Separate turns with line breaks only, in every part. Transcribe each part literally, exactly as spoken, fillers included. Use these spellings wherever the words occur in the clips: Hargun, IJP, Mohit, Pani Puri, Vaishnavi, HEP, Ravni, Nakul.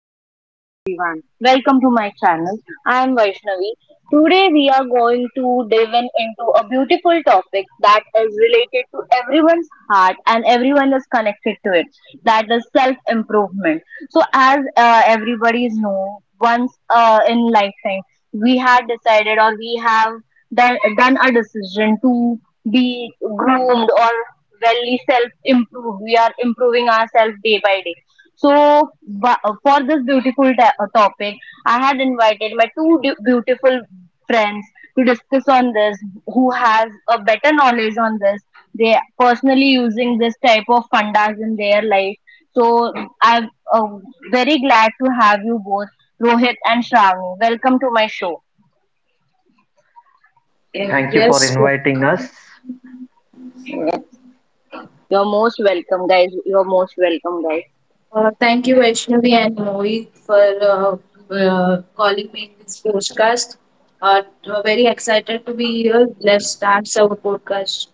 Uh, hello everyone, welcome to my channel. I am Vaishnavi. Today we are going to dive in into a beautiful topic that is related to everyone's heart and everyone is connected to it. That is self improvement. So as uh, everybody is know, once uh, in lifetime we had decided or we have done, done a decision to be groomed, really self improve, we are improving ourselves day by day. So wha- for this beautiful ta- uh, topic, I had invited my two du- beautiful friends to discuss on this, who has a better knowledge on this. They are personally using this type of fundas in their life. So I'm uh, very glad to have you both. Rohit and Shravani, welcome to my show.
Uh,
Thank you for
Yes,
inviting us.
You're most welcome guys, you're most welcome guys.
uh, thank you Vaishnavi and Mohit for uh, uh, calling me in this podcast. Uh, t- uh, very excited to be here. Let's start our podcast.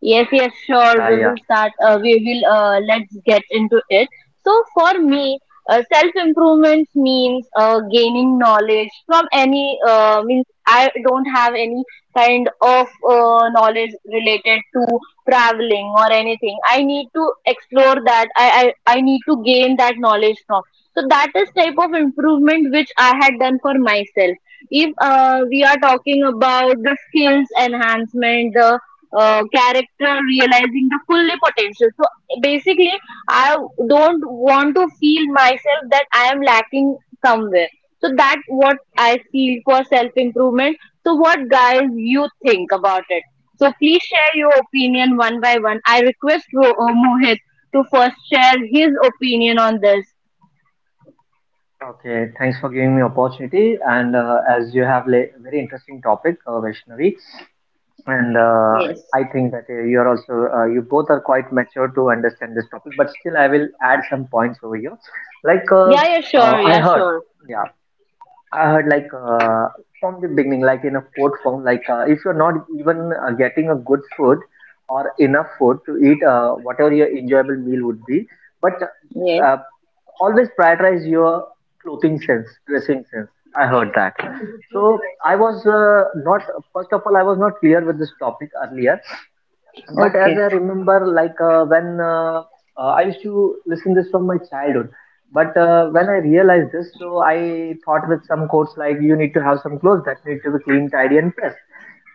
Yes, yes, sure.
Yeah,
We
yeah, yeah.
will start. Uh, we will uh, let's get into it. So for me, uh, self improvement means uh, gaining knowledge from any, uh, means I don't have any kind of uh, knowledge related to traveling or anything. I need to explore that. I, I I need to gain that knowledge from. So that is type of improvement which I had done for myself. If uh, we are talking about the skills enhancement, the uh, character, realizing the fully potential, so basically I don't want to feel myself that I am lacking somewhere. So that's what I feel for self improvement. So what guys you think about it? So please share your opinion one by one. I request Ro- uh, mohit to first share his opinion on this.
Okay, thanks for giving me opportunity. And uh, as you have a very interesting topic, uh, Vaishnavi, and uh,
Yes.
I think that uh, you are also uh, you both are quite mature to understand this topic. But still, I will add some points over here. Like uh,
Yeah, yeah,
uh,
sure,
I
yeah,
heard,
sure.
yeah, I heard like uh, from the beginning, like in a quote form, like uh, if you're not even uh, getting a good food or enough food to eat, uh, whatever your enjoyable meal would be, but
Yes.
uh, always prioritize your clothing sense, dressing sense. I heard that. So I was uh, not, First of all, I was not clear with this topic earlier but as
Okay.
I remember, like uh, when uh, uh, I used to listen this from my childhood, but uh, when I realized this, so I thought with some quotes like you need to have some clothes that need to be clean, tidy, and pressed.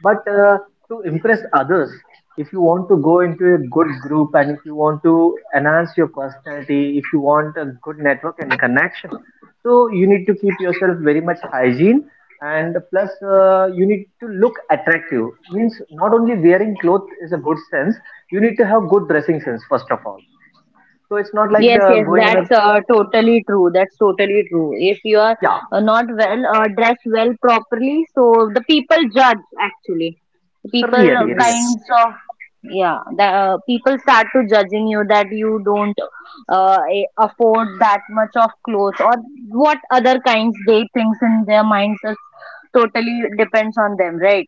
But uh, To impress others, if you want to go into a good group and if you want to enhance your personality, if you want a good network and connection, so you need to keep yourself very much hygiene and plus uh, you need to look attractive, means not only wearing clothes is a good sense, you need to have good dressing sense first of all. So it's not like
Yes,
the
yes,
going in a,
that's uh, totally true. That's totally true. If you are
yeah,
uh, not well uh, dressed well properly, so the people judge actually. People uh,
really real,
Yes.
kinds of, yeah, the uh, people start to judging you that you don't uh, a- afford that much of clothes or what other kinds they thinks in their minds. It totally depends on them, right?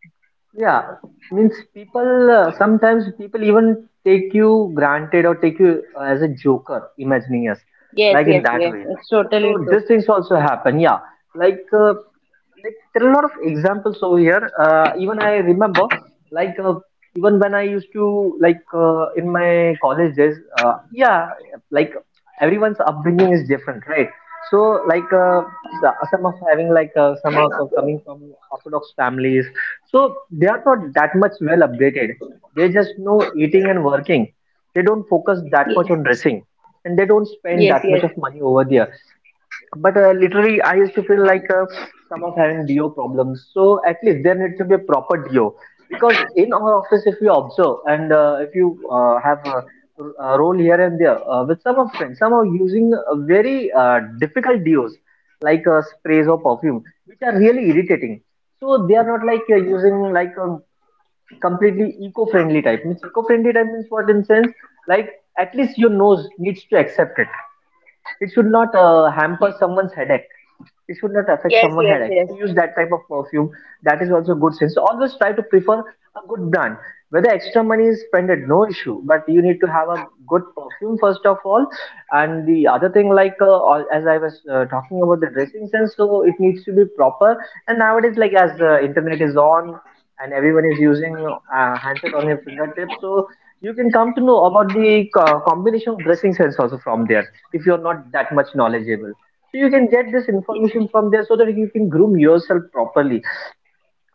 yeah, means people, uh, sometimes people even take you granted or take you uh, as a joker imagining us,
Yes,
like in
yes,
that
yes.
way.
It's totally
So
true.
these things also happen, yeah, like uh, like there are a lot of examples over here, uh, even I remember, like uh, even when I used to, like uh, in my college days, uh, yeah, like everyone's upbringing is different, right? So, like uh, so- some of having like uh, some of co- coming from orthodox families, so they are not that much well updated. They just know eating and working. They don't focus that
Yes,
much on dressing and they don't spend
yes,
that much
yes,
of money over there. But uh, literally I used to feel like uh, some of having do problems, so at least there need to be a proper do. Because in our office if you observe and uh, if you uh, have a, a role here and there uh, with some of friends, some are using uh, very uh, difficult dos, like uh, sprays or perfume which are really irritating. So they are not like uh, using like a completely eco-friendly type. Means eco-friendly type means what in sense, like at least your nose needs to accept it. It should not uh, hamper someone's headache, it should not affect
yes,
someone's
yes,
headache.
yes.
So use that type of perfume. That is also good sense. Always try to prefer a good brand. Whether extra money is spent, no issue. But you need to have a good perfume first of all. And the other thing, like uh, all- as I was uh, talking about the dressing sense, so it needs to be proper. And nowadays, like as uh, internet is on and everyone is using uh, handset on your fingertips, so you can come to know about the co- combination of dressing sense also from there. If you are not that much knowledgeable, so you can get this information from there so that you can groom yourself properly.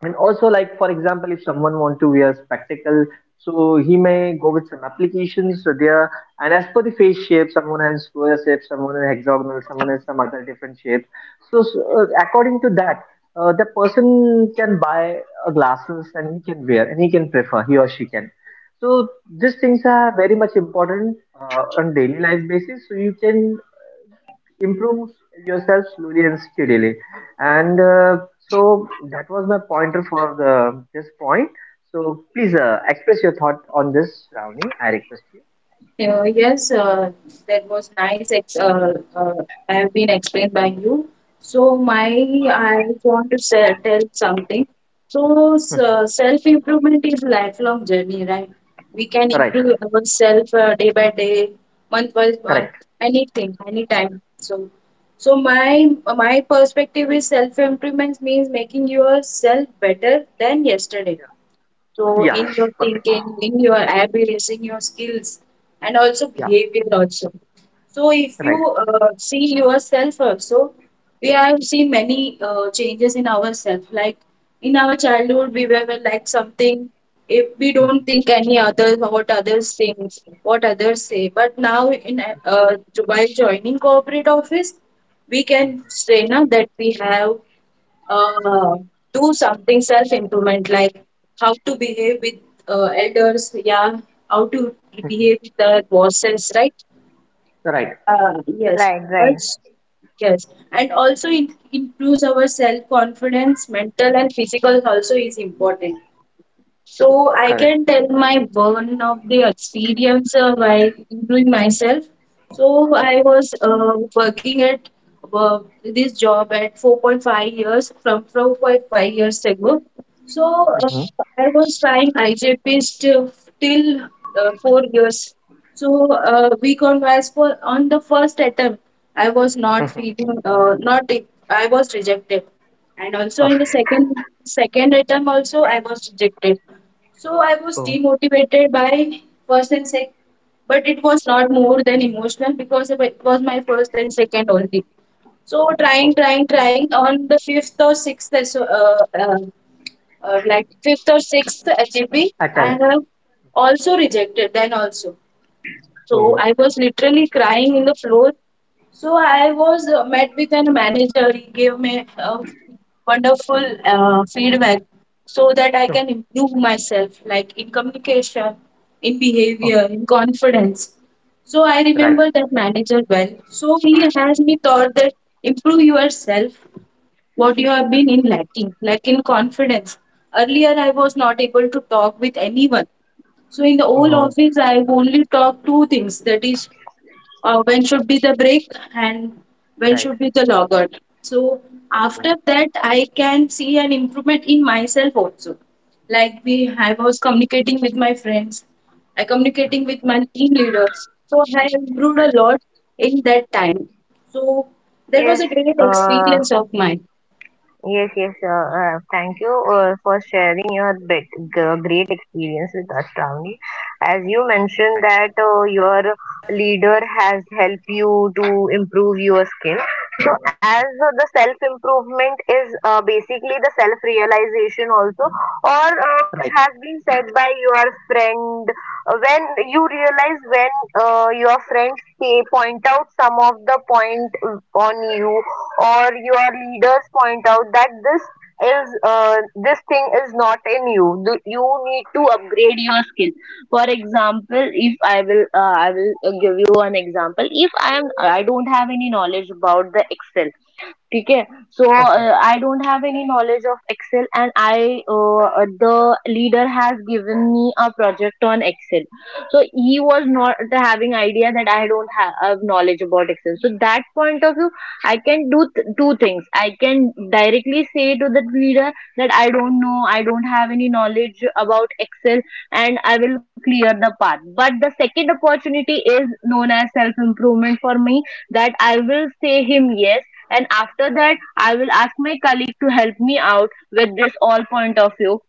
And also, like for example, if someone want to wear spectacle, so he may go with some applications so there, and as per the face shape, someone has square shape, someone has hexagonal, someone has some other different shapes. So, so, uh, according to that, uh, the person can buy uh, glasses and he can wear and he can prefer, he or she can. So these things are very much important uh, on daily life basis, so you can improve yourself slowly and steadily. And uh, so that was my pointer for the this point. So please uh, express your thought on this, Ravni. I request you.
Uh, yes, uh, that was nice. Ex- uh, uh, I have been explained by you. So my, I want to say, tell something. So s-
Mhm.
uh, self improvement is lifelong journey, right? We can
Right.
improve ourselves uh, day by day, month by month,
Correct.
anything, anytime. So, so my my perspective is self improvement means making yourself better than yesterday,
Yeah,
so
yeah,
in your
perfect.
thinking, in your habits, in your skills, and also
Yeah.
behavior also. So if you
Right.
uh, see yourself also, we have seen many uh, changes in ourselves. Like in our childhood, we were like something. If we
Mhm.
don't think any other what others think, what others say, but now in uh, while joining corporate office, we can
Mhm.
say now that we have uh, do something self improvement like how to behave with uh, elders, yeah, how to
Mhm.
behave with the bosses, right?
Right.
Uh, yes,
Right.
also, yes, and also it improves our self confidence. Mental and physical also is important. So I
Correct.
can tell my one of the experience uh, while doing myself. So I
Mhm.
was uh, working at uh, this job at four point five years from four point five years ago. So
Mhm.
uh, I was trying I J P till till, uh, four years. So uh, we conversed for on the first attempt. I was not
Mhm.
feeling uh, not I was rejected, and also
Okay.
in the second second attempt also I was rejected. So I was
Oh,
demotivated by first and second, but it was not more than emotional because it was my first and second only. So trying,
okay.
trying, trying on the fifth or sixth, so uh, uh, uh, like fifth or sixth H E P,
Attempt.
have also rejected. Then also. So
Oh,
I was literally crying in the floor. So I was uh, met with a manager. He gave me a wonderful uh, feedback so that I can
okay.
improve myself, like in communication, in
Okay.
behavior, in confidence. So I
Right.
remember that manager well. So he has me thought that improve yourself, what you have been in lacking, like in confidence. Earlier I was not able to talk with anyone. So in the whole
Oh.
office, I only talk two things. That is, uh, when should be the break and when
Right.
should be the logout. So
Oh,
after that, I can see an improvement in myself also. Like we, I
okay.
was communicating with my friends, I
Mm.
communicating with my team leaders. So I improved
Right,
a lot in that time. So that was
Yes,
a great
uh,
experience of mine.
yes, yes. Uh, uh, thank you uh, for sharing your big, g- great experience with us, Shravani. As you
right,
mentioned that uh, your leader has helped you to improve your skill. So, as uh, the self improvement is uh, basically the self realization also, or uh, which
right.
has been said by your friend, uh, when you realize when uh, your friends say, point out some of the point uh, on you, or your leaders point out that this is uh, this thing is not in you. Th- you need to upgrade your skill. For example, if I will uh, I will uh, give you an example, if I am, I don't have any knowledge about the Excel. ठीक है. So
Okay.
uh, I don't have any knowledge of Excel, and I, uh, uh, the leader has given me a project on Excel. So he was not having idea that I don't ha- have knowledge about Excel, so that point of view, I can do th- two things. I can directly say to the leader that I don't know, I don't have any knowledge about Excel, and I will clear the path. But the second opportunity is known as self improvement for me, that I will say him yes, and after that, I will ask my colleague to help me out with this all point of view.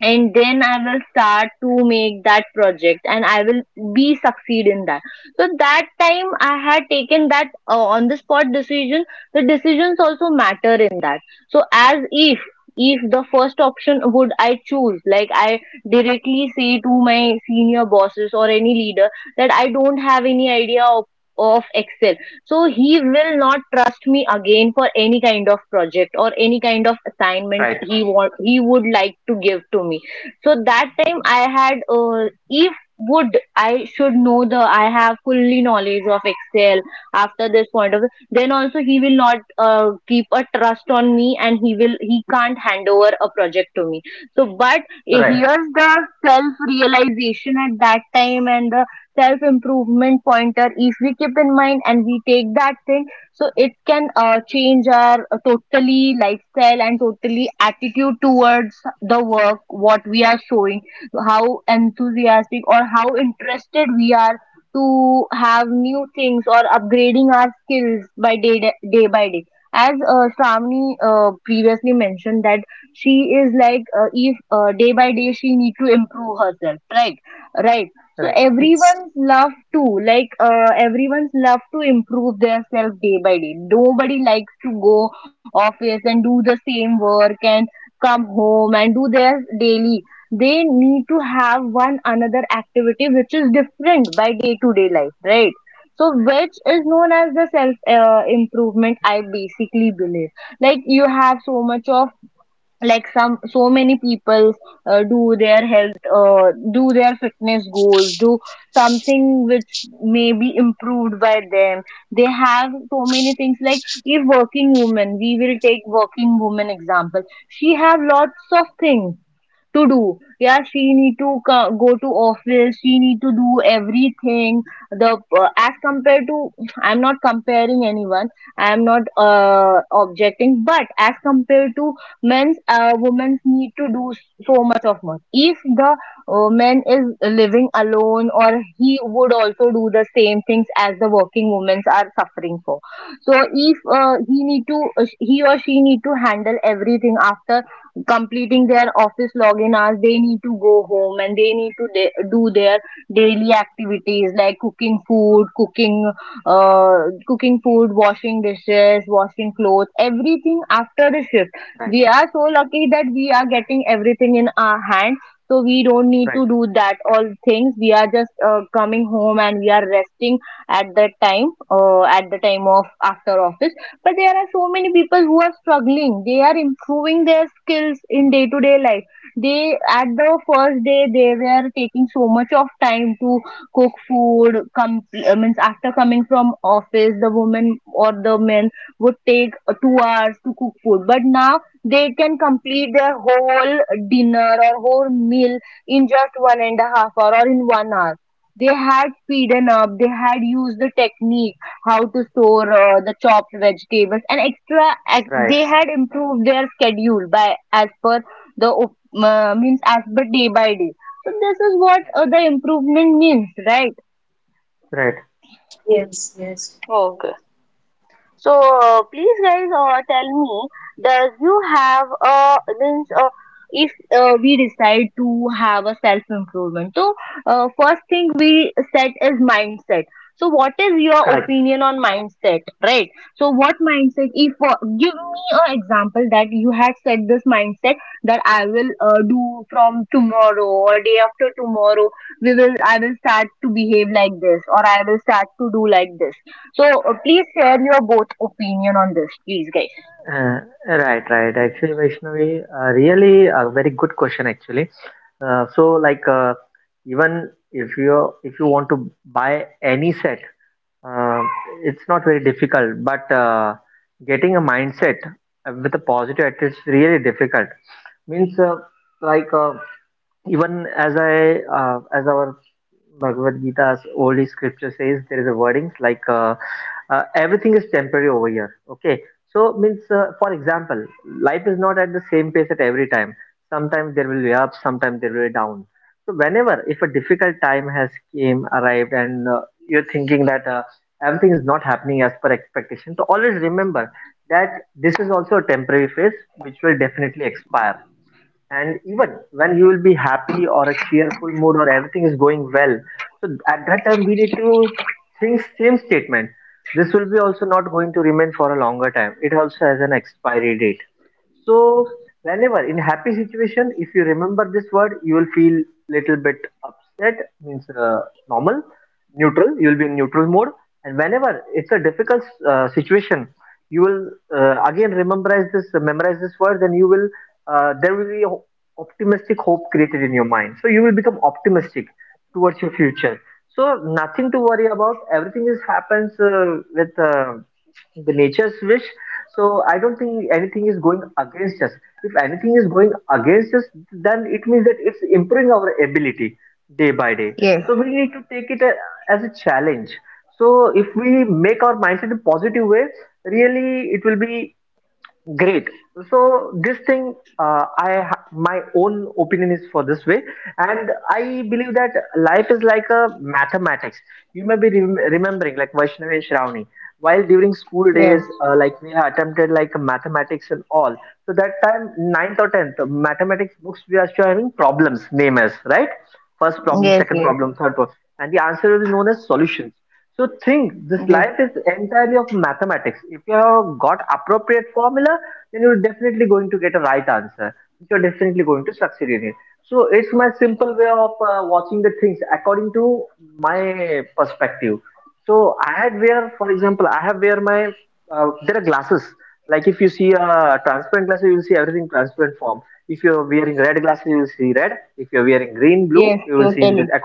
And then I will start to make that project and I will be succeed in that. So that time I had taken that uh, on the spot decision. The decisions also matter in that. So as if if the first option would I choose, like I directly say to my senior bosses or any leader that I don't have any idea of of Excel, so he will not trust me again for any kind of project or any kind of assignment
Right.
he want, he would like to give to me. So that time I had uh, if would I should know the I have fully knowledge of Excel after this point of, then also he will not uh, keep a trust on me, and he will he can't hand over a project to me. So but here's the self realization at that time, and the self-improvement pointer if we keep in mind and we take that thing, so it can uh, change our uh, totally lifestyle and totally attitude towards the work, what we are showing, how enthusiastic or how interested we are to have new things or upgrading our skills by day, day by day. As uh, Shravani uh, previously mentioned that she is like, uh, if uh, day by day she need to improve herself, right? Right. So
Yes.
everyone's love to, like, uh, everyone's love to improve their self day by day. Nobody likes to go office and do the same work and come home and do their daily. They need to have one another activity which is different by day to day life, right? So which is known as the self uh, improvement. I basically believe, like, you have so much of, like some, so many people uh, do their health, uh, do their fitness goals, do something which may be improved by them. They have so many things, like if working woman, we will take working woman example. She have lots of things to do. Yeah, she need to co- go to office. She need to do everything. The uh, as compared to, I'm not comparing anyone. I'm not uh, objecting, but as compared to men's, uh, women's need to do so much of much. If the uh, man is living alone, or he would also do the same things as the working women's are suffering for. So if uh, he need to, uh, he or she need to handle everything after completing their office login hours, they need to go home and they need to da- do their daily activities like cooking food, cooking uh, cooking food, washing dishes, washing clothes, everything after the shift. We are so lucky that we are getting everything in our hand, so we don't need to do that all things. We are just uh, coming home and we are resting at that time, uh, at the time of after office. But there are so many people who are struggling. They are improving their skills in day to day life. They at the first day they were taking so much of time to cook food, come uh, means after coming from office, the woman or the men would take uh, two hours to cook food, but now they can complete their whole dinner or whole meal in just one and a half hour or in one hour. They had speeden up, they had used the technique how to store uh, the chopped vegetables and extra. Ex They had improved their schedule by as per the op- uh, means as per day by day. So this is what uh, the improvement means, right?
Yes, yes.
Okay. So uh, please guys uh, tell me, does you have a means, uh, if uh, we decide to have a self improvement? So uh, first thing we set is mindset. So what is your opinion on mindset, right? So what mindset? If uh, give me an example that you had set this mindset that I will uh, do from tomorrow or day after tomorrow. We will I will start to behave like this or I will start to do like this. So uh, please share your both opinion on this, please, guys. Yes, yes, yes, totally.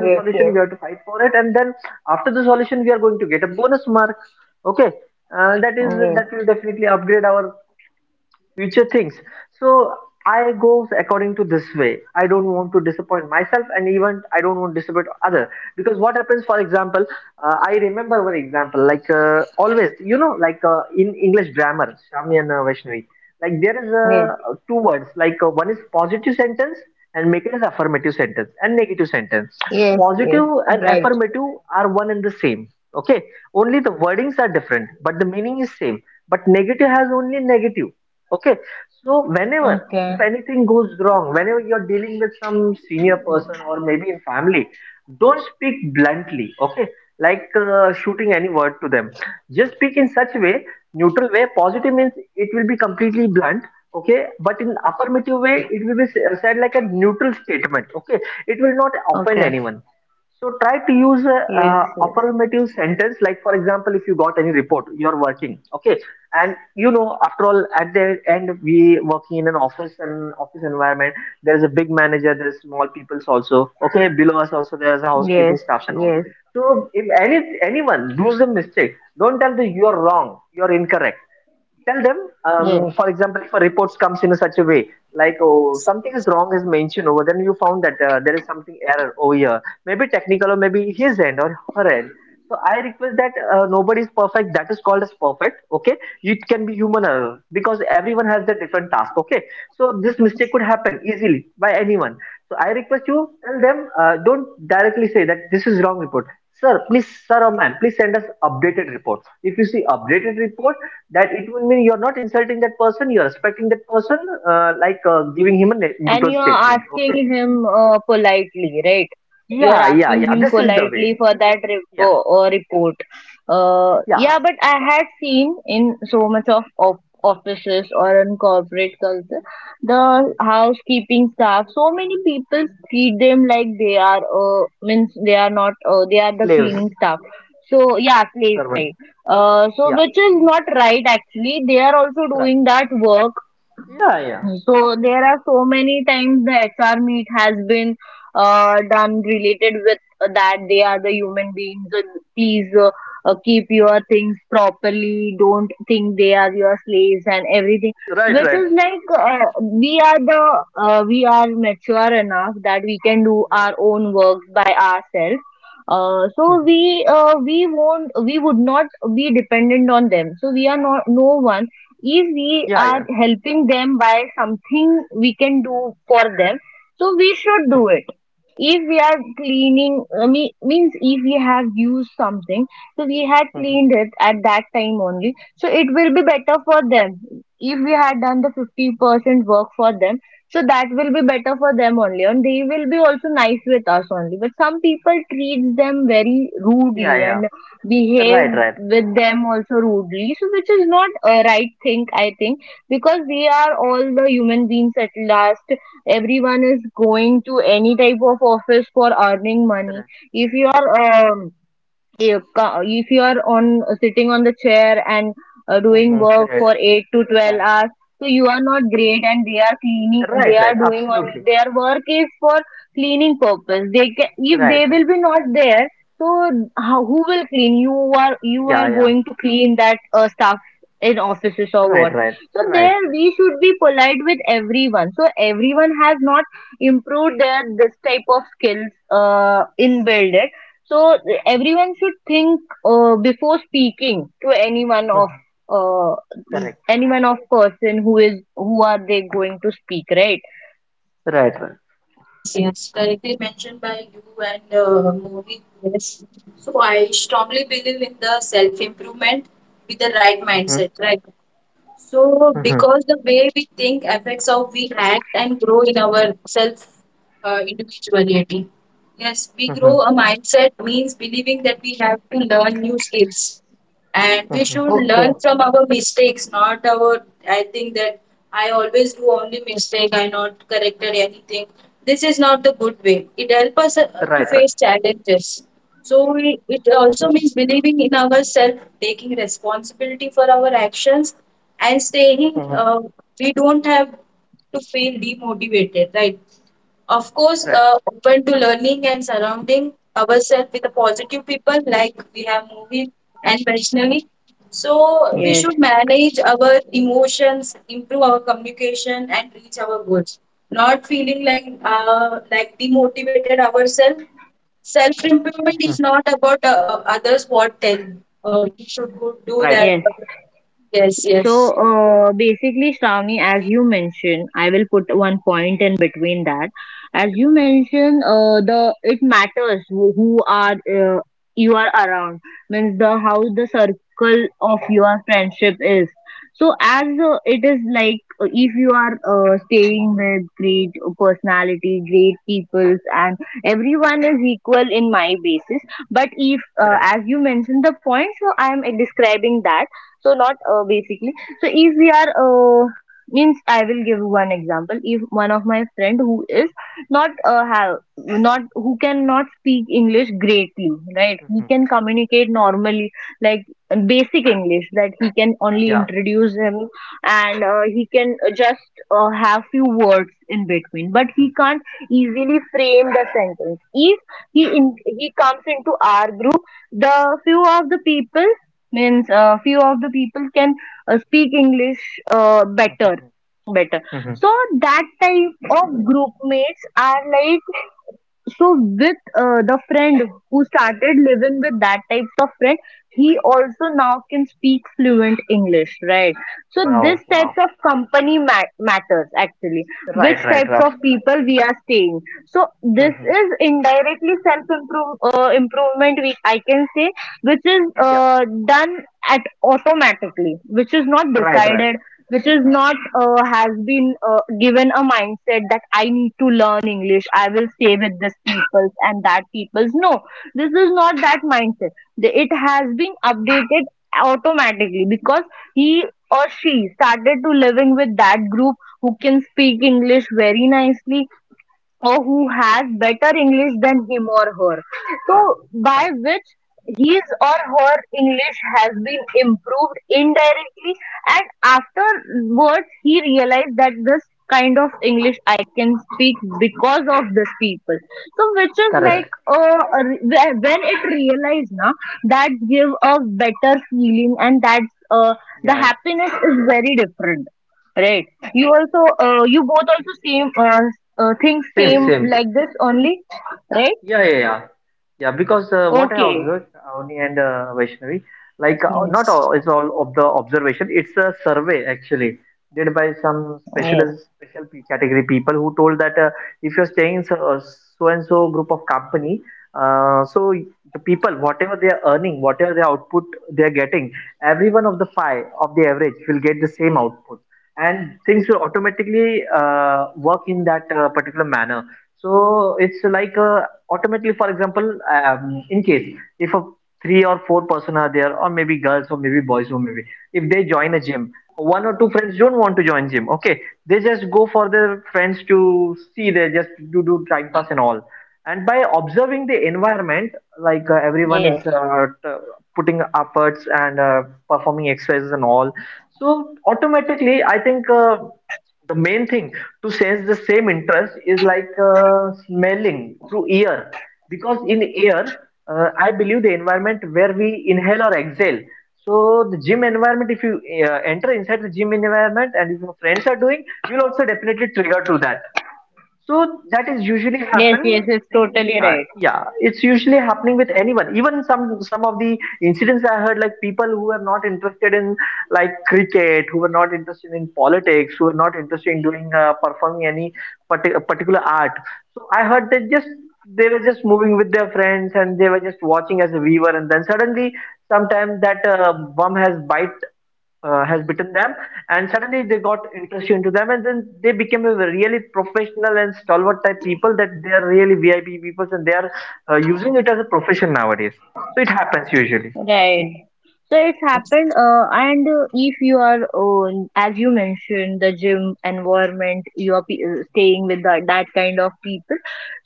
Yes, yes, yes, yes, yes, yes, right. Okay. Okay. Yes, yes, yes, yes, yes, and you are asking him uh, politely, right? You are asking him politely for that repo uh, report. Uh, yeah, but I had seen in so much of, of offices or in corporate culture, the housekeeping staff, so many people treat them like they are, uh, means they are not, uh, they are the cleaning staff. So yeah, slave type. Uh, so which is not right actually. They are also doing that work, so there are so many times the H R meet has been uh, done related with that they are the human beings. And please uh, uh, keep your things properly. Don't think they are your slaves and everything. Which is like, uh, we are the uh, we are mature enough that we can do our own works by ourselves. Uh, so we uh, we won't we would not be dependent on them. So we are not no one. If we are helping them by something we can do for them, so we should do it. If we are cleaning, I mean, means if we have used something, so we had cleaned it at that time only, so it will be better for them. If we had done the fifty percent work for them, so that will be better for them only, and they will be also nice with us only. But some people treat them very rudely and behave with them also rudely, so which is not a right thing, I think, because we are all the human beings at last. Everyone is going to any type of office for earning money. If you are um, if ca- if you are on uh, sitting on the chair and uh, doing work for eight to twelve hours, so you are not great, and they are cleaning, they are doing on their work is for cleaning purpose. They can, if they will be not there, so how, who will clean? You are, you are going to clean that uh, stuff in offices or what? So there we should be polite with everyone, so everyone has not improved their this type of skills uh, inbuilt. So everyone should think uh, before speaking to anyone of uh, anyone of person who is, who are they going to speak, right?
Yes, yes, correctly mentioned by you and uh, Mohit. Yes, so I strongly believe in the self improvement with the right mindset. Right, so because the way we think affects how we act and grow in our self uh, individuality. Yes, we grow a mindset means believing that we have to learn new skills and we should
Okay.
learn from our mistakes, not our. I think that I always do only mistake, I not corrected anything. This is not the good way. It helps us uh, to face challenges, so we- it also means believing in ourselves, taking responsibility for our actions, and saying uh, we don't have to feel demotivated, right? Of course, uh, open to learning and surrounding ourselves with the positive people like we have movie and personally. So we
Yes,
should manage our emotions, improve our communication, and reach our goals. Not feeling like uh, like demotivated ourselves. Self improvement is not about uh, uh, others what tell. Uh, you should go do that.
yes.
Yes, yes,
So uh, basically, Shravani, as you mentioned, I will put one point in between that. As you mentioned, uh, the it matters who, who are uh, you are around, means the how the circle of your friendship is. So as uh, it is like uh, if you are uh, staying with great personality, great peoples, and everyone is equal in my basis. But if uh, as you mentioned the point, so I am describing that. So not uh, basically, so if we are uh, means I will give one example. If one of my friend who is not uh, have not who cannot speak English greatly, right? He can communicate normally, like basic English, that he can only introduce him, and uh, he can just uh, have few words in between, but he can't easily frame the sentence. If he in, he comes into our group, the few of the people, means uh, few of the people can uh, speak English uh, better better. So that type of group mates are like, so with uh, the friend who started living with that type of friend, he also now can speak fluent English, right? So this types of company ma- matters actually, which types of people we are staying. So this is indirectly self improve uh, improvement, we I can say, which is uh, done at automatically, which is not decided, which is not uh, has been uh, given a mindset that I need to learn English. I will stay with this people's and that people's. No, this is not that mindset. The- It has been updated automatically because he or she started to living with that group who can speak English very nicely, or who has better English than him or her. So, by which his or her English has been improved indirectly, and afterwards he realized that this kind of English I can speak because of this people. So, which is like uh, whe- when it realized now, that give a better feeling, and that's uh, the happiness is very different, right? You also, uh, you both also same uh, uh, think same like this only, right? Okay.
yes,
Yes. Yes. Yes. Yes. It's totally right. Right. So it happened, uh, and uh, if you are, uh, as you mentioned, the gym environment, you are pe- uh, staying with that, that kind of people.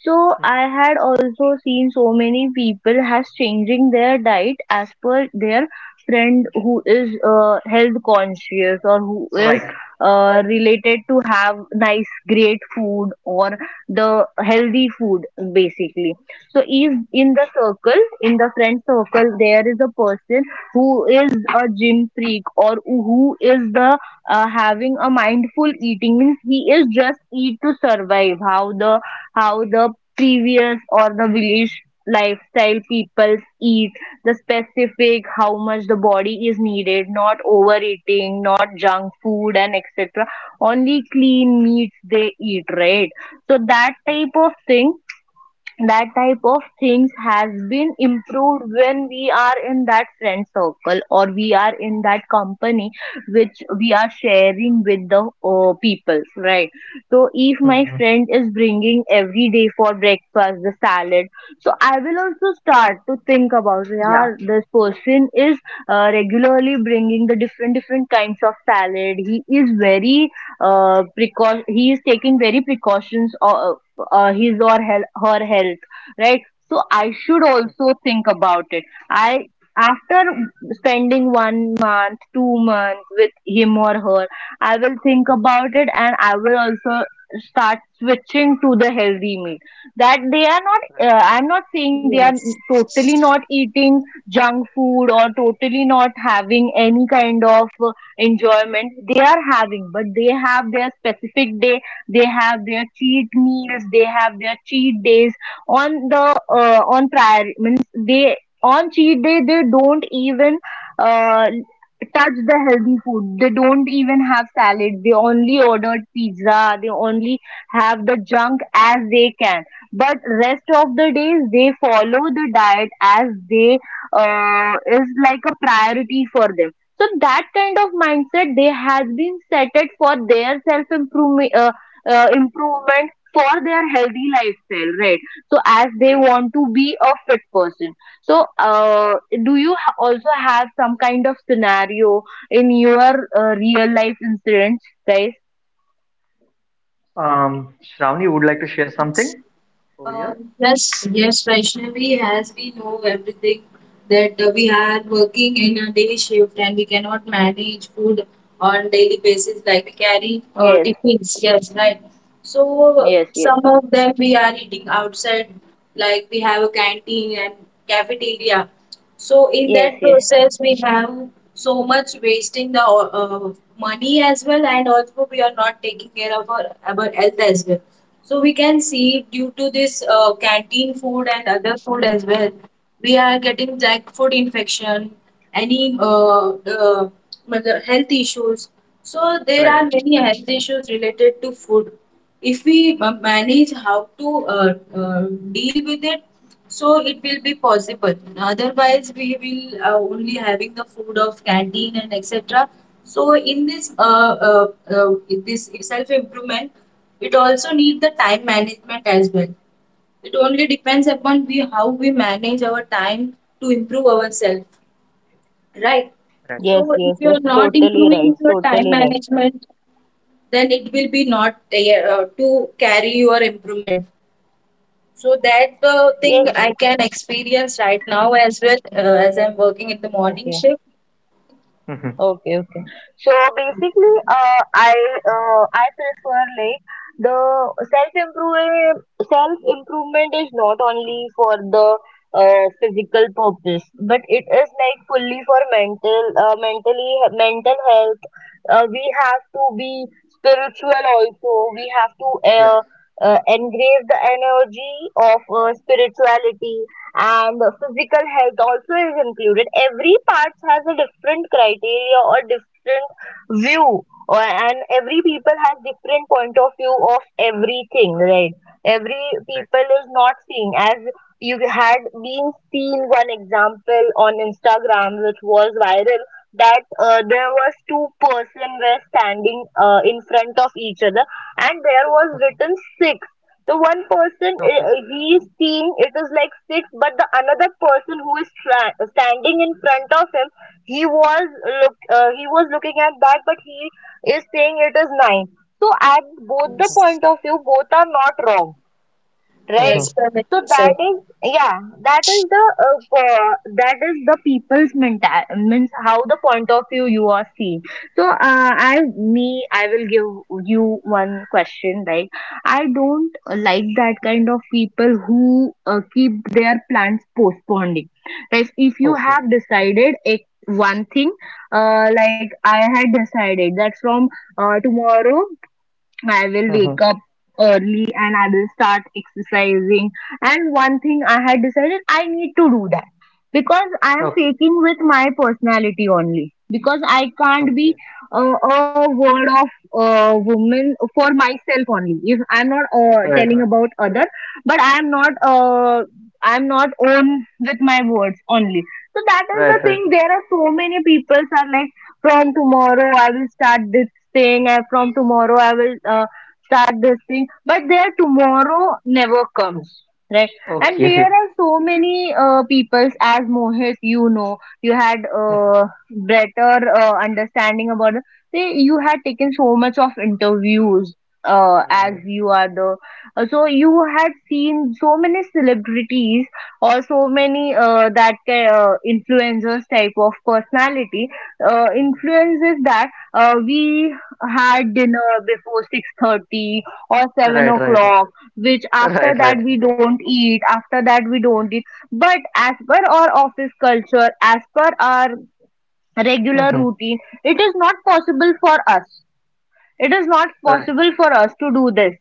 So I had also seen so many people has changing their diet as per their friend who is uh, health conscious or who is uh, related to have nice, great food or the healthy food basically. So if in the circle, in the friend circle, there is a person who is a gym freak or who is the uh, having a mindful eating, means he is just eat to survive. How the how the previous or the village lifestyle people eat the specific how much the body is needed, not overeating, not junk food, and etc, only clean meats they eat, right? So that type of thing, that type of things has been improved when we are in that friend circle or we are in that company, which we are sharing with the uh, people, right? So if my friend is bringing every day for breakfast the salad, so I will also start to think about, yeah, this person is uh, regularly bringing the different different kinds of salad. He is very uh, precau- he is taking very precautions uh, uh, his or hel- her health, right? So I should also think about it. I after spending one month two months with him or her, I will think about it, and I will also start switching to the healthy meal. That they are not uh, I'm not saying they are
yes,
totally not eating junk food or totally not having any kind of uh, enjoyment they are having, but they have their specific day, they have their cheat meals. They have their cheat days on the uh, on prior, means they on cheat day they don't even uh, touch the healthy food. They don't even have salad. They only ordered pizza. They only have the junk as they can. But rest of the days they follow the diet as they uh, is like a priority for them. So that kind of mindset they has been set it for their self improvement. Uh, uh, improvement for their healthy lifestyle, right? So as they want to be a fit person, so, uh, do you ha- also have some kind of scenario in your uh, real life incidents, guys?
yes. Uh, yes, yes, Vaishnavi, as we know everything that uh, we are working in a day shift and we cannot manage food on daily basis like we carry uh,
Yes,
tiffins. Yes, right. So
yes, yes,
some of them we are eating outside, like we have a canteen and cafeteria. So in
yes,
that
yes,
process, we have so much wasting the uh, money as well, and also we are not taking care of our, our health as well. So we can see due to this uh, canteen food and other food as well, we are getting like food infection, any uh, uh, मतलब health issues. So there are many health issues related to food. If we ma- manage how to uh, uh, deal with it, so it will be possible. Otherwise we will uh, only having the food of canteen and etc. So in this uh, uh, uh, this self improvement, it also need the time management as well. It only depends upon we how we manage our time to improve ourselves, right? So
yes,
if
yes,
you
yes,
are not
totally
improving
right,
your time
totally right.
management, then it will be not uh, to carry your improvement. So that uh, thing
Yes,
I can experience right now as well, uh, as I'm working in the morning
okay.
shift.
Okay, okay. So basically, uh, I uh, I prefer like the self improve self improvement is not only for the uh, physical purpose, but it is like fully for mental uh, mentally mental health. Uh, we have to be spiritual also. We have to uh, uh, engrave the energy of uh, spirituality, and uh, physical health also is included. Every part has a different criteria or different view or, and every people has different point of view of everything, right? Every people is not seeing as you had been seen one example on Instagram which was viral, that uh, there was two person were standing uh, in front of each other, and there was written six. The one person i- i- he's seeing it is like six, but the another person who is tra- standing in front of him, he was look uh, he was looking at that, but he is saying it is nine. So at both the point of view, both are not wrong. Right.
Yes, correctly
So that
said.
is, yeah, that is the uh, co- that is the people's mental, means how the point of view you are seeing. So uh, I me I will give you one question. Like I don't like that kind of people who uh, keep their plans postponing. Like if you have decided a, one thing, uh, like I had decided that from uh, tomorrow I will wake up early and I will start exercising. And one thing I had decided I need to do that, because I am faking with my personality only. Because I can't be uh, a word of uh, woman for myself only. If I'm not uh, telling about other, but I am not uh, I'm not own with my words only. So that is the thing. There are so many people are like from tomorrow I will start this, saying uh, from tomorrow I will uh, start this thing, but their tomorrow never comes. Right, and there are so many uh, peoples as Mohit, you know, you had uh, better uh, understanding about it. Say you had taken so much of interviews uh, as you are the, uh, so you had seen so many celebrities or so many uh, that ca- uh, influencers type of personality uh, influences that uh, we had dinner before six thirty or seven o'clock, which after that we don't eat, after that we don't eat, but as per our office culture, as per our regular routine, it is not possible for us, it is not possible for us to do this,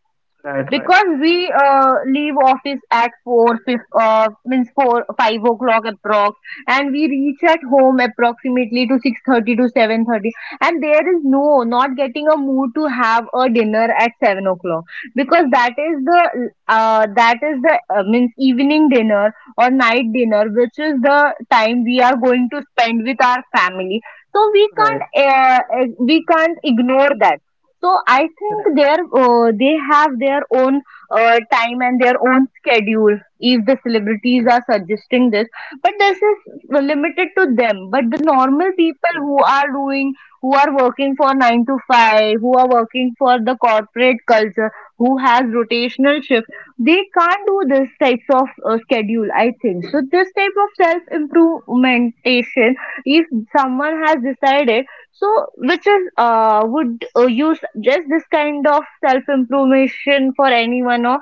because we uh, leave office at four fif uh, means four five o'clock approx, and we reach at home approximately to six thirty to seven thirty, and there is no not getting a mood to have a dinner at seven o'clock, because that is the uh, that is the uh, means evening dinner or night dinner, which is the time we are going to spend with our family, so we can't uh, uh, we can't ignore that. So I think their uh, they have their own uh, time and their own schedule. If the celebrities are suggesting this, but this is limited to them. But the normal people who are doing, who are working for nine to five, who are working for the corporate culture, who has rotational shift, they can't do this types of uh, schedule. I think so. This type of self improvementation, if someone has decided so, which is, uh, would uh, you suggest this kind of self-improvement for anyone of?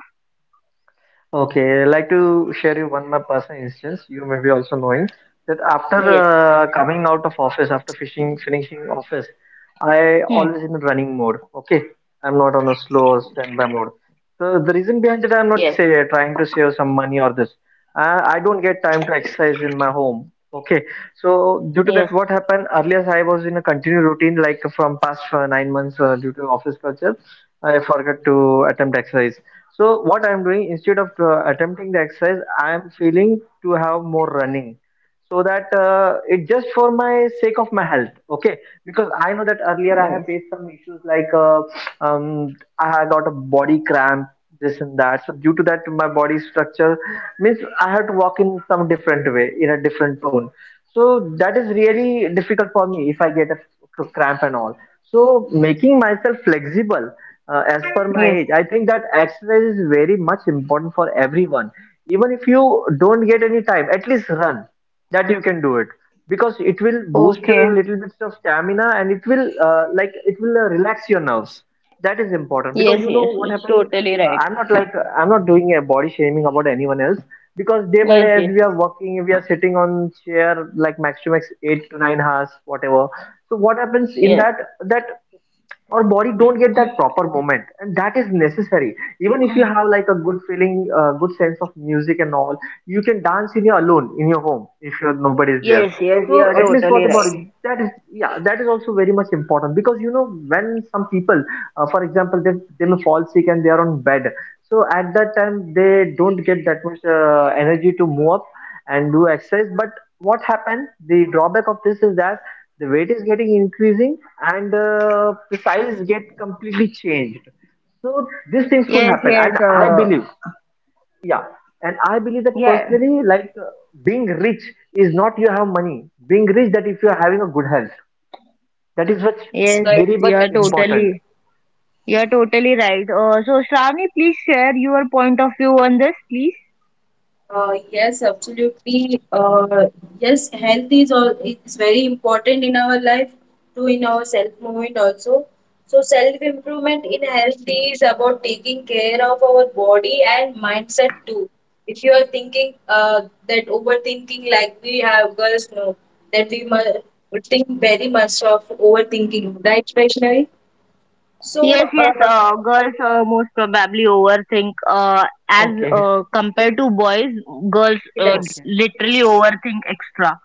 Yes. Hmm. Yes. Yes. Yes. Yes. Okay. Yes. Yes. It's totally right. Yes. Yes. Yes. Yes. Yes. You are totally right. Yes. Yes. Uh. Yeah.
Yes,
Yes.
correctly
You are
mentioned.
totally. You are totally right. Uh. So, Shravani, please share your point of view on this, please.
Uh, yes, absolutely. Uh, yes, health is all, it's very important in our life, too in our self movement also. So self improvement in health is about taking care of our body and mindset too. If you are thinking uh, that overthinking, like we have girls know that we must think very much of overthinking, right, Vaishnavi? So
Yes, yes.
uh,
Uh, girls uh, most probably overthink. Uh, as uh, compared to boys, girls uh,
yes.
literally overthink extra.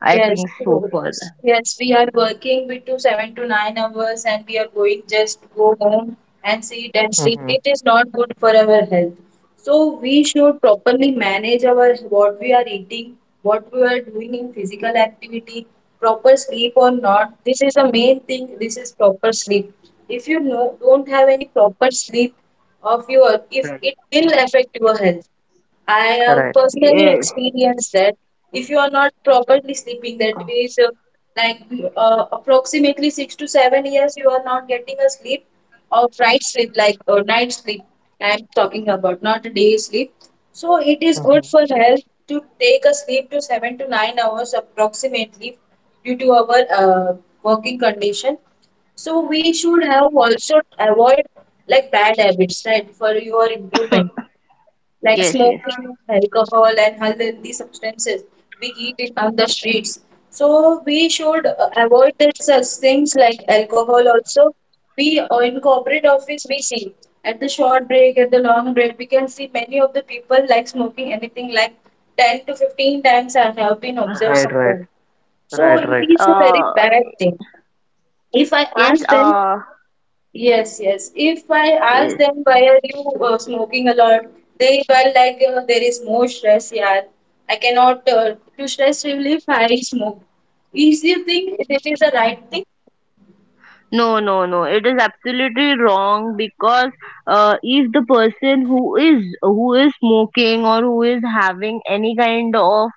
I
Yes,
think so
so-
far.
yes, we are working with two seven to nine hours and we are going just go home and sit and sleep. It is not good for our health. So we should properly manage our what we are eating, what we are doing in physical activity, proper sleep or not. This is the main thing. This is proper sleep. If you know, don't have any proper sleep of your, if it will affect your health. I have personally
Yes,
experienced that if you are not properly sleeping, that means uh, like uh, approximately six to seven years, you are not getting a sleep, or right sleep, like or night sleep. I'm talking about not day sleep. So it is good for health to take a sleep to seven to nine hours approximately due to our uh, working condition. So we should have also avoid like bad habits, right, for your improvement like
yes, yes.
smoking, alcohol, and unhealthy substances we eat it on the streets. So we should uh, avoid that such things like alcohol also. We uh, in corporate office we see at the short break, at the long break, we can see many of the people like smoking anything like ten to fifteen times I have been observed someone. So it is a very
Uh,
bad thing. If I
yes.
ask them.
Uh,
Yes, yes. If I ask
yes.
them why are you uh, smoking a lot, they were like uh, there is more stress. Yeah, I cannot uh, to stress relief, I smoke. Is you think this is the right thing?
No, no, no. It is absolutely wrong because uh, if the person who is who is smoking or who is having any kind of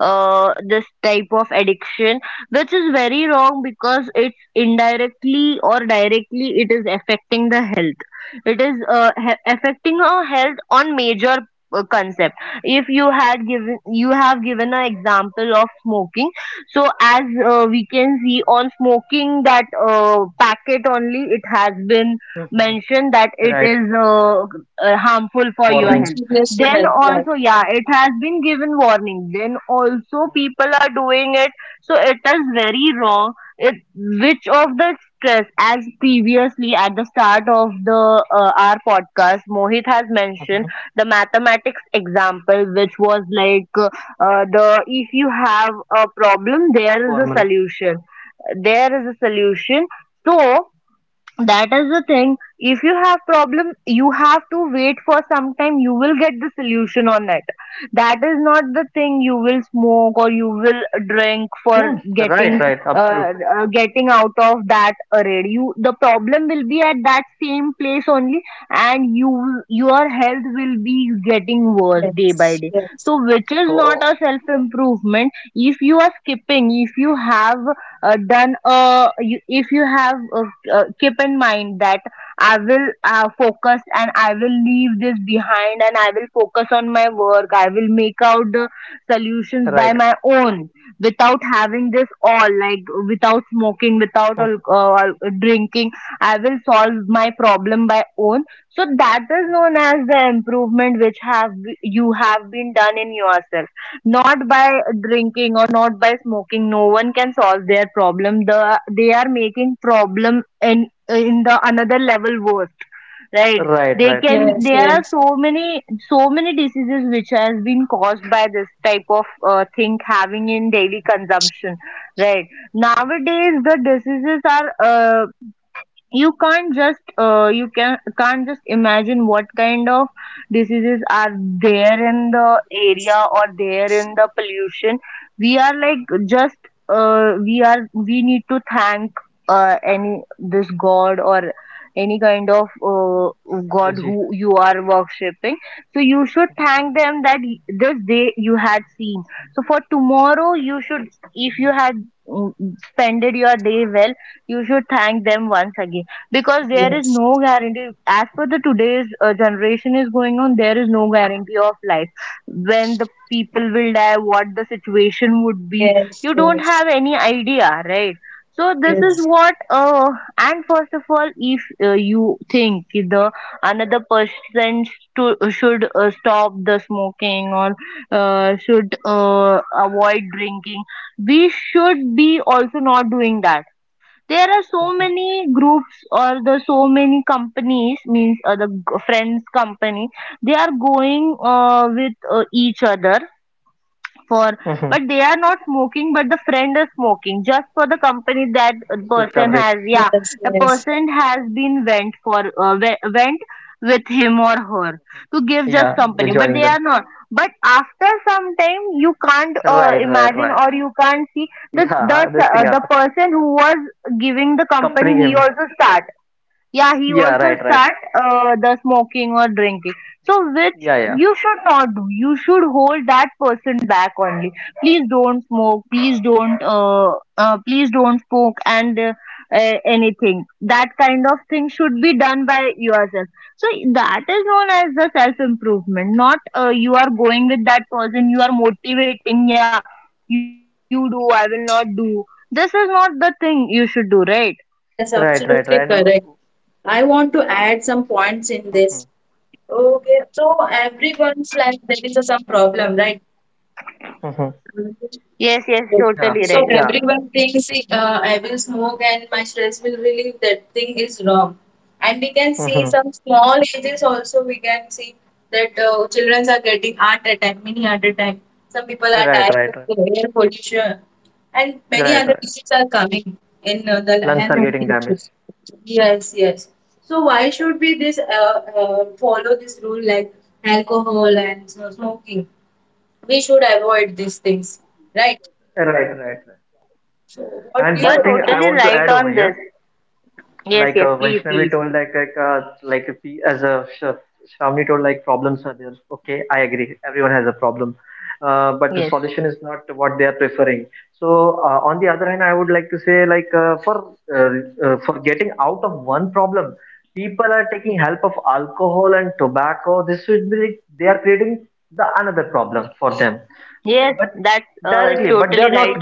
uh, this type of addiction, which is very wrong because it's indirectly or directly it is affecting the health. It is uh, he- affecting our health on major uh, concept. If you had given you have given an example of smoking, so as uh, we can see on smoking that uh, packet only, it has been mentioned that it is uh, uh, harmful for your health.
Injurious to
Then
health, right?
also, yeah, it has been given warning. Then also, people are doing it, so it is very wrong. It which of the stress, as previously at the start of the uh, our podcast, Mohit has mentioned the mathematics example, which was like uh, the if you have a problem, there is a solution, there is a solution. So that is the thing, if you have problem you have to wait for some time, you will get the solution on it. That is not the thing you will smoke or you will drink for getting uh, uh, getting out of that array. You, the problem will be at that same place only, and you your health will be getting worse day by
Yes,
day.
yes,
So which is not a self improvement. If you are skipping, if you have uh, done uh, you, if you have uh, uh, keep in mind that I will uh, focus and I will leave this behind and I will focus on my work. I will make out the solutions by my own, without having this all, like without smoking, without al- uh, al- drinking. I will solve my problem by own. So that is known as the improvement which have you have been done in yourself. Not by drinking or not by smoking, no one can solve their problem. The they are making problem in in the another level worse, right? They can.
yes,
There are
yes,
so many so many diseases which has been caused by this type of uh, thing having in daily consumption, right? Nowadays, the diseases are uh, you can't just uh, you can can't just imagine what kind of diseases are there in the
yes,
area or there in the pollution. We are like just uh, we are we need to thank uh, any this god or any kind of uh, god who you are worshipping. So you should thank them that y- this day you had seen, so for tomorrow you should, if you had mm, spended your day well, you should thank them once again, because there is
yes,
no guarantee. As per the today's uh, generation is going on, there is no guarantee of life, when the people will die, what the situation would be,
yes,
you don't have any idea, right? So
yes,
this is
yes,
what. Uh, and first of all, if uh, you think ki the another person to, should uh, stop the smoking or uh, should uh, avoid drinking, we should be also not doing that. There are so many groups or the so many companies, means uh, the g- friends company, they are going uh, with uh, each other for, but they are not smoking, but the friend is smoking just for the company. That person has, yeah,
yes,
the
yes.
person has been went for uh, we- went with him or her to give just company, but they are not. But after some time you can't uh, imagine or you can't see the the uh, the person who was giving the company, he also starts. Yeah, he also start uh, the smoking or drinking. So which you should not do. You should hold that person back only. Please don't smoke. Please don't. Uh, uh, please don't smoke, and uh, uh, anything. That kind of thing should be done by yourself. So that is known as the self improvement. Not uh, you are going with that person. You are motivating, yeah, you do, I will not do. This is not the thing you should do, right?
Yes, absolutely correct. I want to add some points in this. Okay, so everyone's like there is a some problem, right? Mhm.
Yes, yes,
Well,
totally right.
so everyone thinks uh, I will smoke and my stress will relieve. That thing is wrong. And we can see some small ages also. We can see that uh, children are getting heart attack, mini heart attack. Some people are dying of air pollution, and many other diseases are coming in uh, the hand and issues. Yes, yes. So why should we this uh, uh, follow this rule like alcohol and you know, smoking? We should avoid these things, right? So, what do
You're
you think?
totally right on this. Yes, yes, please, please. Yes. Yes, that's uh, totally right.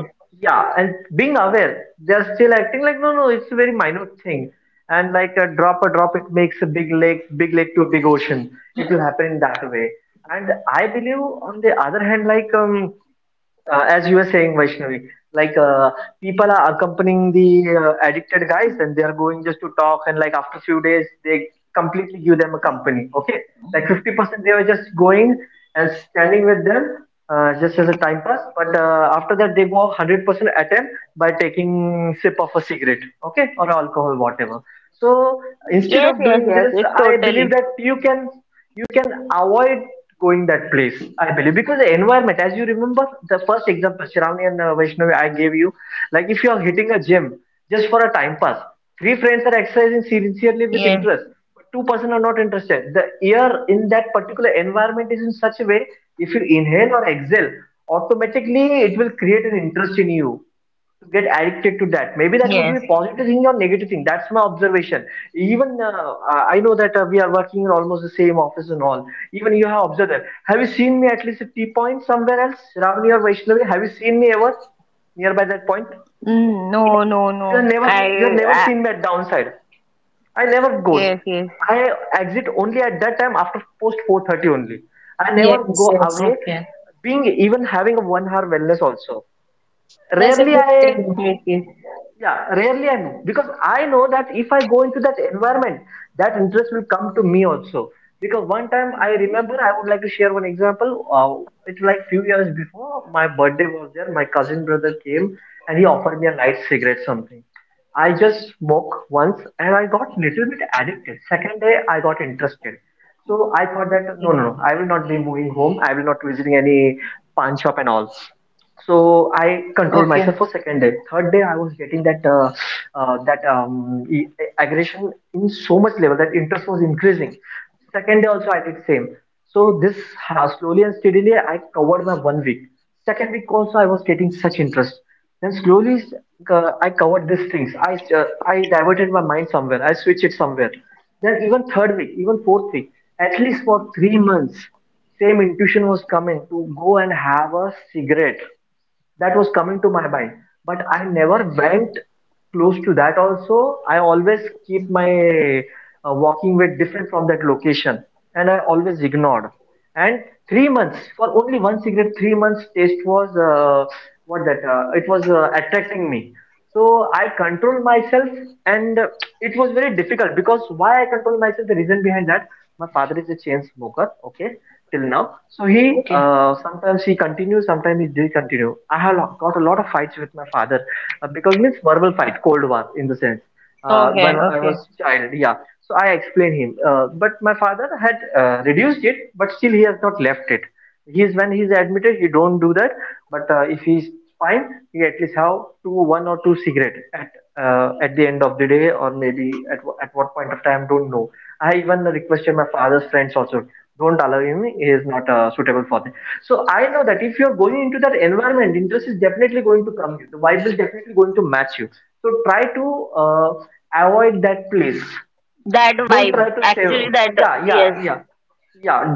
Yes, yes, yes, it's totally. Yes, yes. Mm, no, no, no. I, I yes, yes,
Yes, yes. That's a good thing.
yes, yes.
Good thing.
Okay,
Good.
okay. So
Okay.
that vibe, actually that, yes,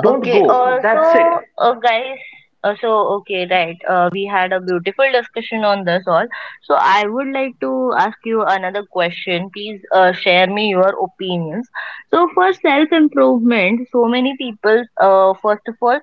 okay, uh, so uh, guys, uh, so okay, right. Uh, we had a beautiful discussion on this all. So I would like to ask you another question. Please uh, share me your opinions. So for self-improvement, so many people, uh, first of all,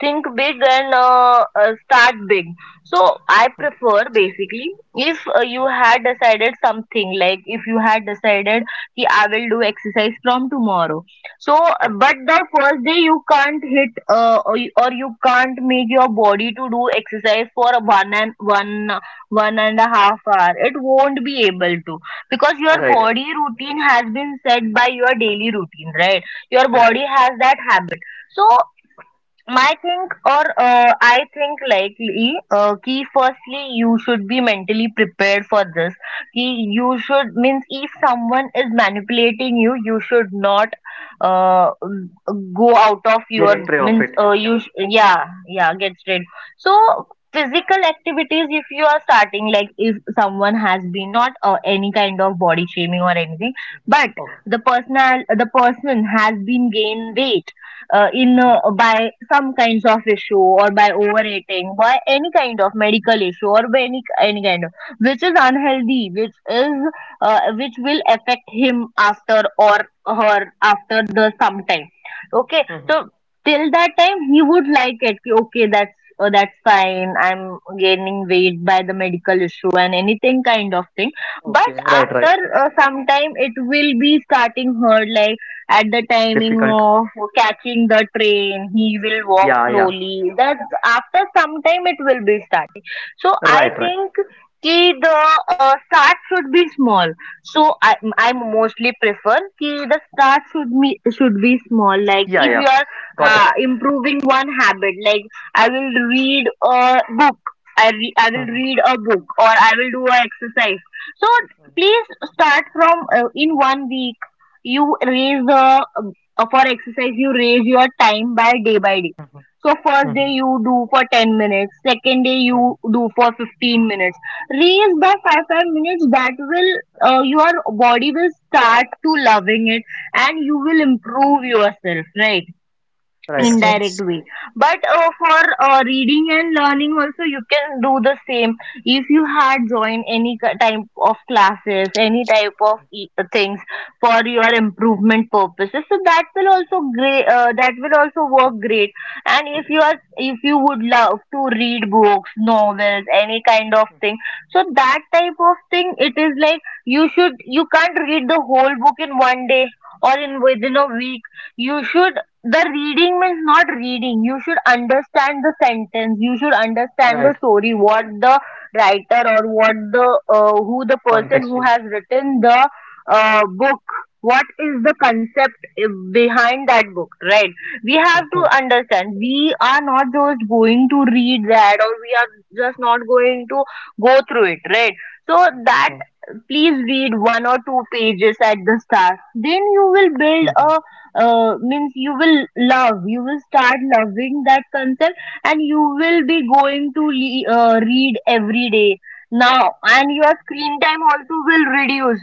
think big and uh, uh, start big. So I prefer basically, if uh, you had decided something, like if you had decided that I will do exercise from tomorrow, so, uh, but the first day you can't hit uh, or you or you can't make your body to do exercise for a one and one one and a half hour. It won't be able to, because your body routine has been set by your daily routine, right? Your body has that habit. So my think or uh, I think likely uh, कि firstly you should be mentally prepared for this कि you should, means if someone is manipulating you you should not uh, go out of your, means uh, you sh- yeah yeah, get straight. So physical activities, if you are starting, like if someone has been not uh, any kind of body shaming or anything, but the personal the person has been gained weight uh, in uh, by some kinds of issue or by overeating, by any kind of medical issue, or by any any kind of which is unhealthy, which is uh, which will affect him after or her after the some time. Okay, so till that time he would like it कि, okay that's uh, that's fine, I'm gaining weight by the medical issue and anything kind of thing. But after uh, some time it will be starting hurt, like at the timing of catching the train he will walk slowly, that after some time it will be starting. So I think कि the uh, start should be small. So i i mostly prefer कि the start should be should be small, like if you are uh, improving one habit, like i will read a book i re- I will read a book or I will do a exercise. So please start from uh, in one week you raise the uh, for exercise you raise your time by day by day. So first day you do for ten minutes, second day you do for fifteen minutes, raise by 5 5 minutes, that will uh, your body will start to loving it, and you will improve yourself, right?
Yes,
Indirect
yes.
way. But uh, for uh, reading and learning also you can do the same. If you had joined any ki- type of classes, any type of e- things for your improvement purposes, so that will also great, uh, that will also work great. And if you are if you would love to read books, novels, any kind of thing, so that type of thing it is like, you should you can't read the whole book in one day or in within a week. You should, the reading means not reading, you should understand the sentence, you should understand the story, what the writer, or what the uh, who the person who has written the uh, book, what is the concept uh, behind that book, right? We have to understand, we are not just going to read that, or we are just not going to go through it, right? So that, please read one or two pages at the start, then you will build a uh, means you will love you will start loving that concept, and you will be going to le- uh, read every day now, and your screen time also will reduce,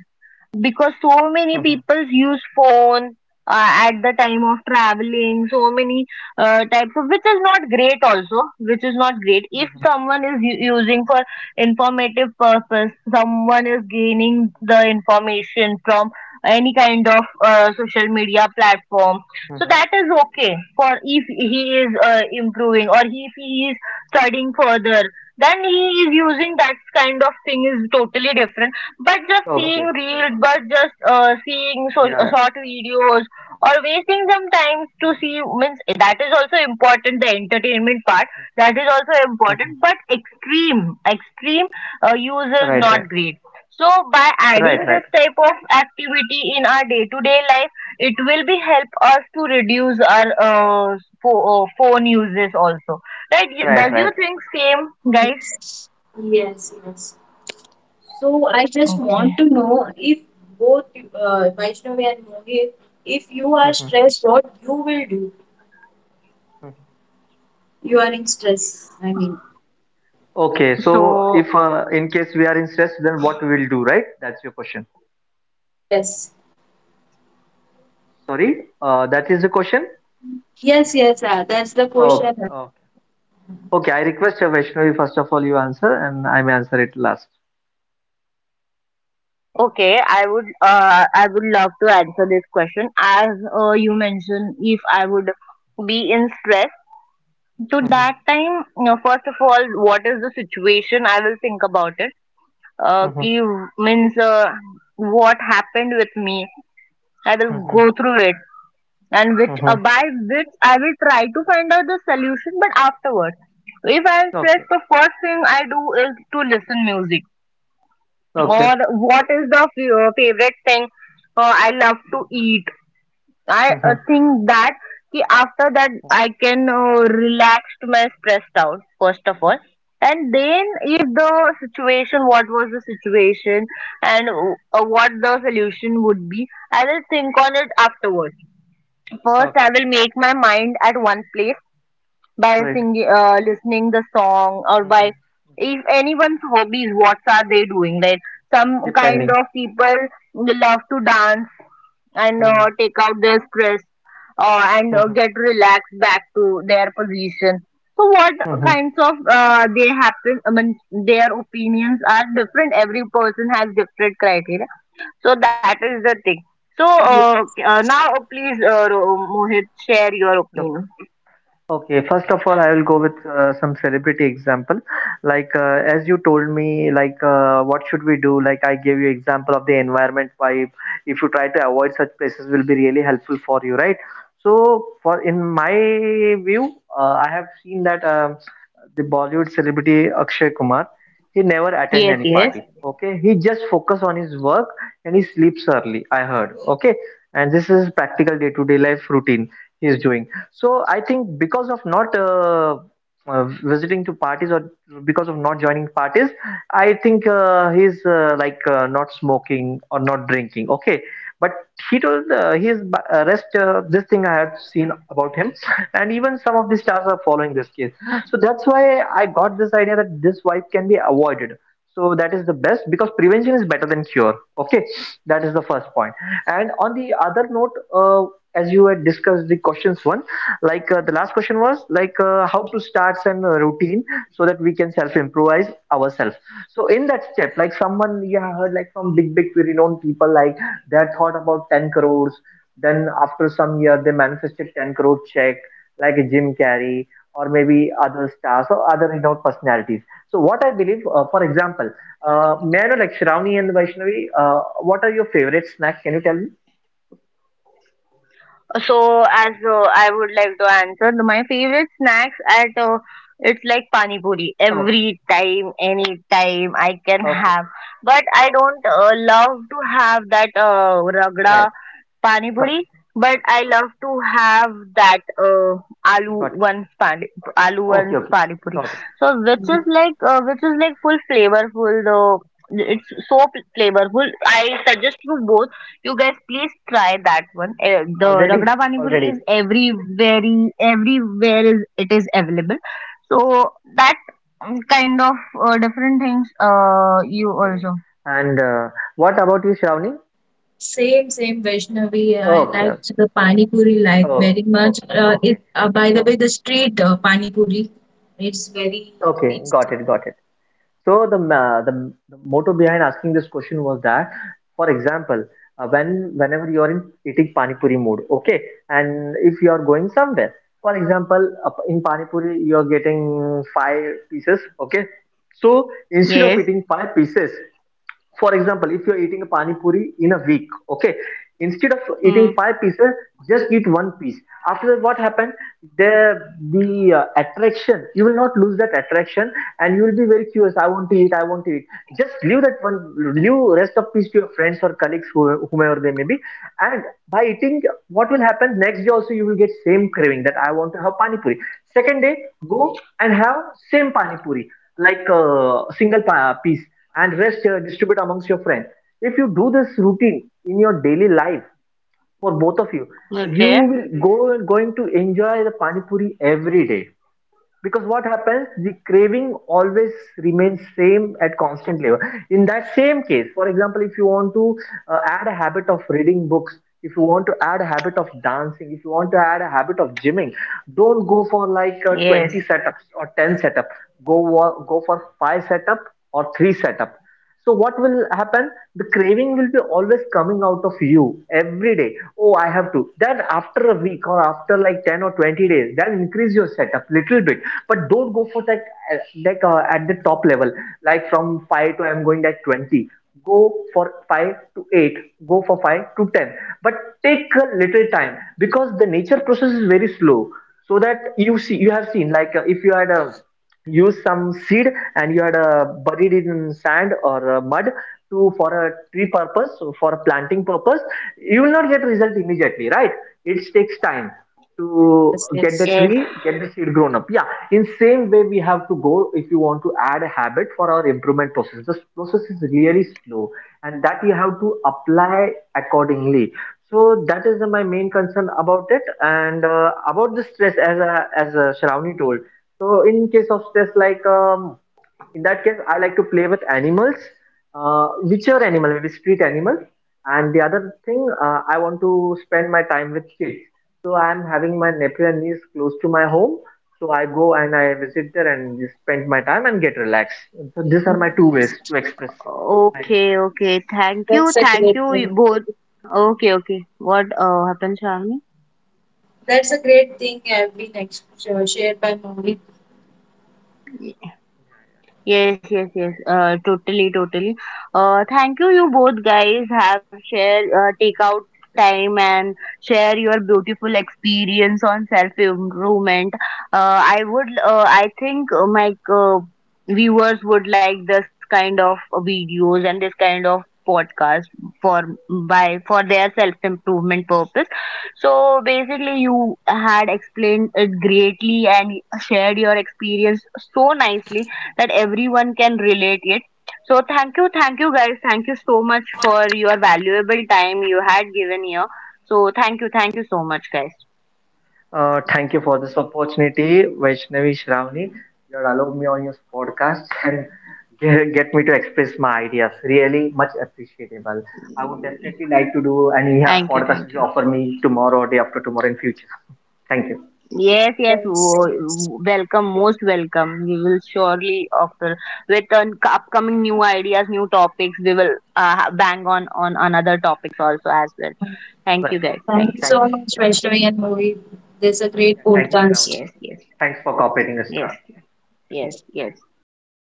because so many people use phone uh, at the time of traveling. So many uh, types of, which is not great also which is not great if someone is u- using for informative purpose, someone is gaining the information from any kind of uh, social media platform, so that is okay for. If he is uh, improving, or if he is studying further, then he is using that kind of thing is totally different. But just seeing reels, but just uh, seeing so, uh, short videos, or wasting some time to see means that is also important. The entertainment part that is also important, but extreme extreme uh, use is not great. So by adding this type of activity in our day-to-day life, it will be help us to reduce our uh, pho- uh, phone uses also. Right? Does you think same, guys?
Yes, yes. So I just
Okay.
want to know if both uh, Vaishnavi and Mohit, if you are stressed, what you will do? You are in stress. I mean,
So
yes, yes, yes. Ah, that's the question.
Okay, I would uh, I would love to answer this question. As uh, you mentioned, if I would be in stress, to that time, you know, first of all, what is the situation? I will think about it. Uh, ki, means uh, what happened with me? I will go through it, and which uh, by which I will try to find out the solution. But afterwards, if I am stressed, the first thing I do is to listen music. Or what is the f- uh, favorite thing uh, I love to eat? I uh, think that ki after that I can uh, relax my stress down first of all, and then if the situation, what was the situation, and uh, what the solution would be, I will think on it afterwards. First, I will make my mind at one place by singing, uh, listening the song, or by if anyone's hobbies, what are they doing? Like some kind of people love to dance and uh, take out their stress uh, and uh, get relaxed back to their position. So what kinds of uh, they happen? I mean, their opinions are different. Every person has different criteria. So that is the thing. So uh, uh, now, uh, please, uh, Ro- Mohit, share your opinion. Yes, yes. So, as uh, I would like to answer, the, my favorite snacks at uh, it's like pani puri. Every time, any time I can have, but I don't uh, love to have that uh, ragda pani puri, but I love to have that uh, aloo one's pani aloo one's pani puri. So which is like uh, which is like full flavorful though. It's so pl- flavorful. I suggest you both. You guys please try that one. Uh, the ragda pani puri is everywhere. Everywhere is it is available. So that um, kind of uh, different things. Uh, you also.
Same, same Vaishnavi. I liked the Pani Puri like very much. Uh, it uh, by the way, the street uh, Pani Puri, it's very tasty.
Yes. Hmm. Okay. Yes.
Yes, yes.
Yes.
Mm,
Okay, okay. Thank you,
that's a
thank
great
you
thing.
you both. Okay, okay. What uh, happened, Shravani?
That's a great thing. I've been ex- uh, shared by Mohit.
Yes, yes, yes. Uh, totally, totally. Uh, thank you. You both guys have shared, uh, take out time and share your beautiful experience on self improvement. Uh, I would, uh, I think uh, my uh, viewers would like this kind of videos and this kind of podcast for by for their self improvement purpose. So basically, you had explained it greatly and shared your experience so nicely that everyone can relate it. So thank you, thank you guys, thank you so much for your valuable time you had given here. So thank you, thank you so much, guys. Thank you, thank you. Yes, yes,
Yes,
wo-
yes.
welcome, most welcome. We will surely offer with an upcoming new ideas, new topics. We will uh, bang on on another topics also as well. Thank you guys.
Thank
Thank
you
you.
so much, Vaishnavi and Mohit. This is a great podcast.
Yes, yes, yes, yes, yes.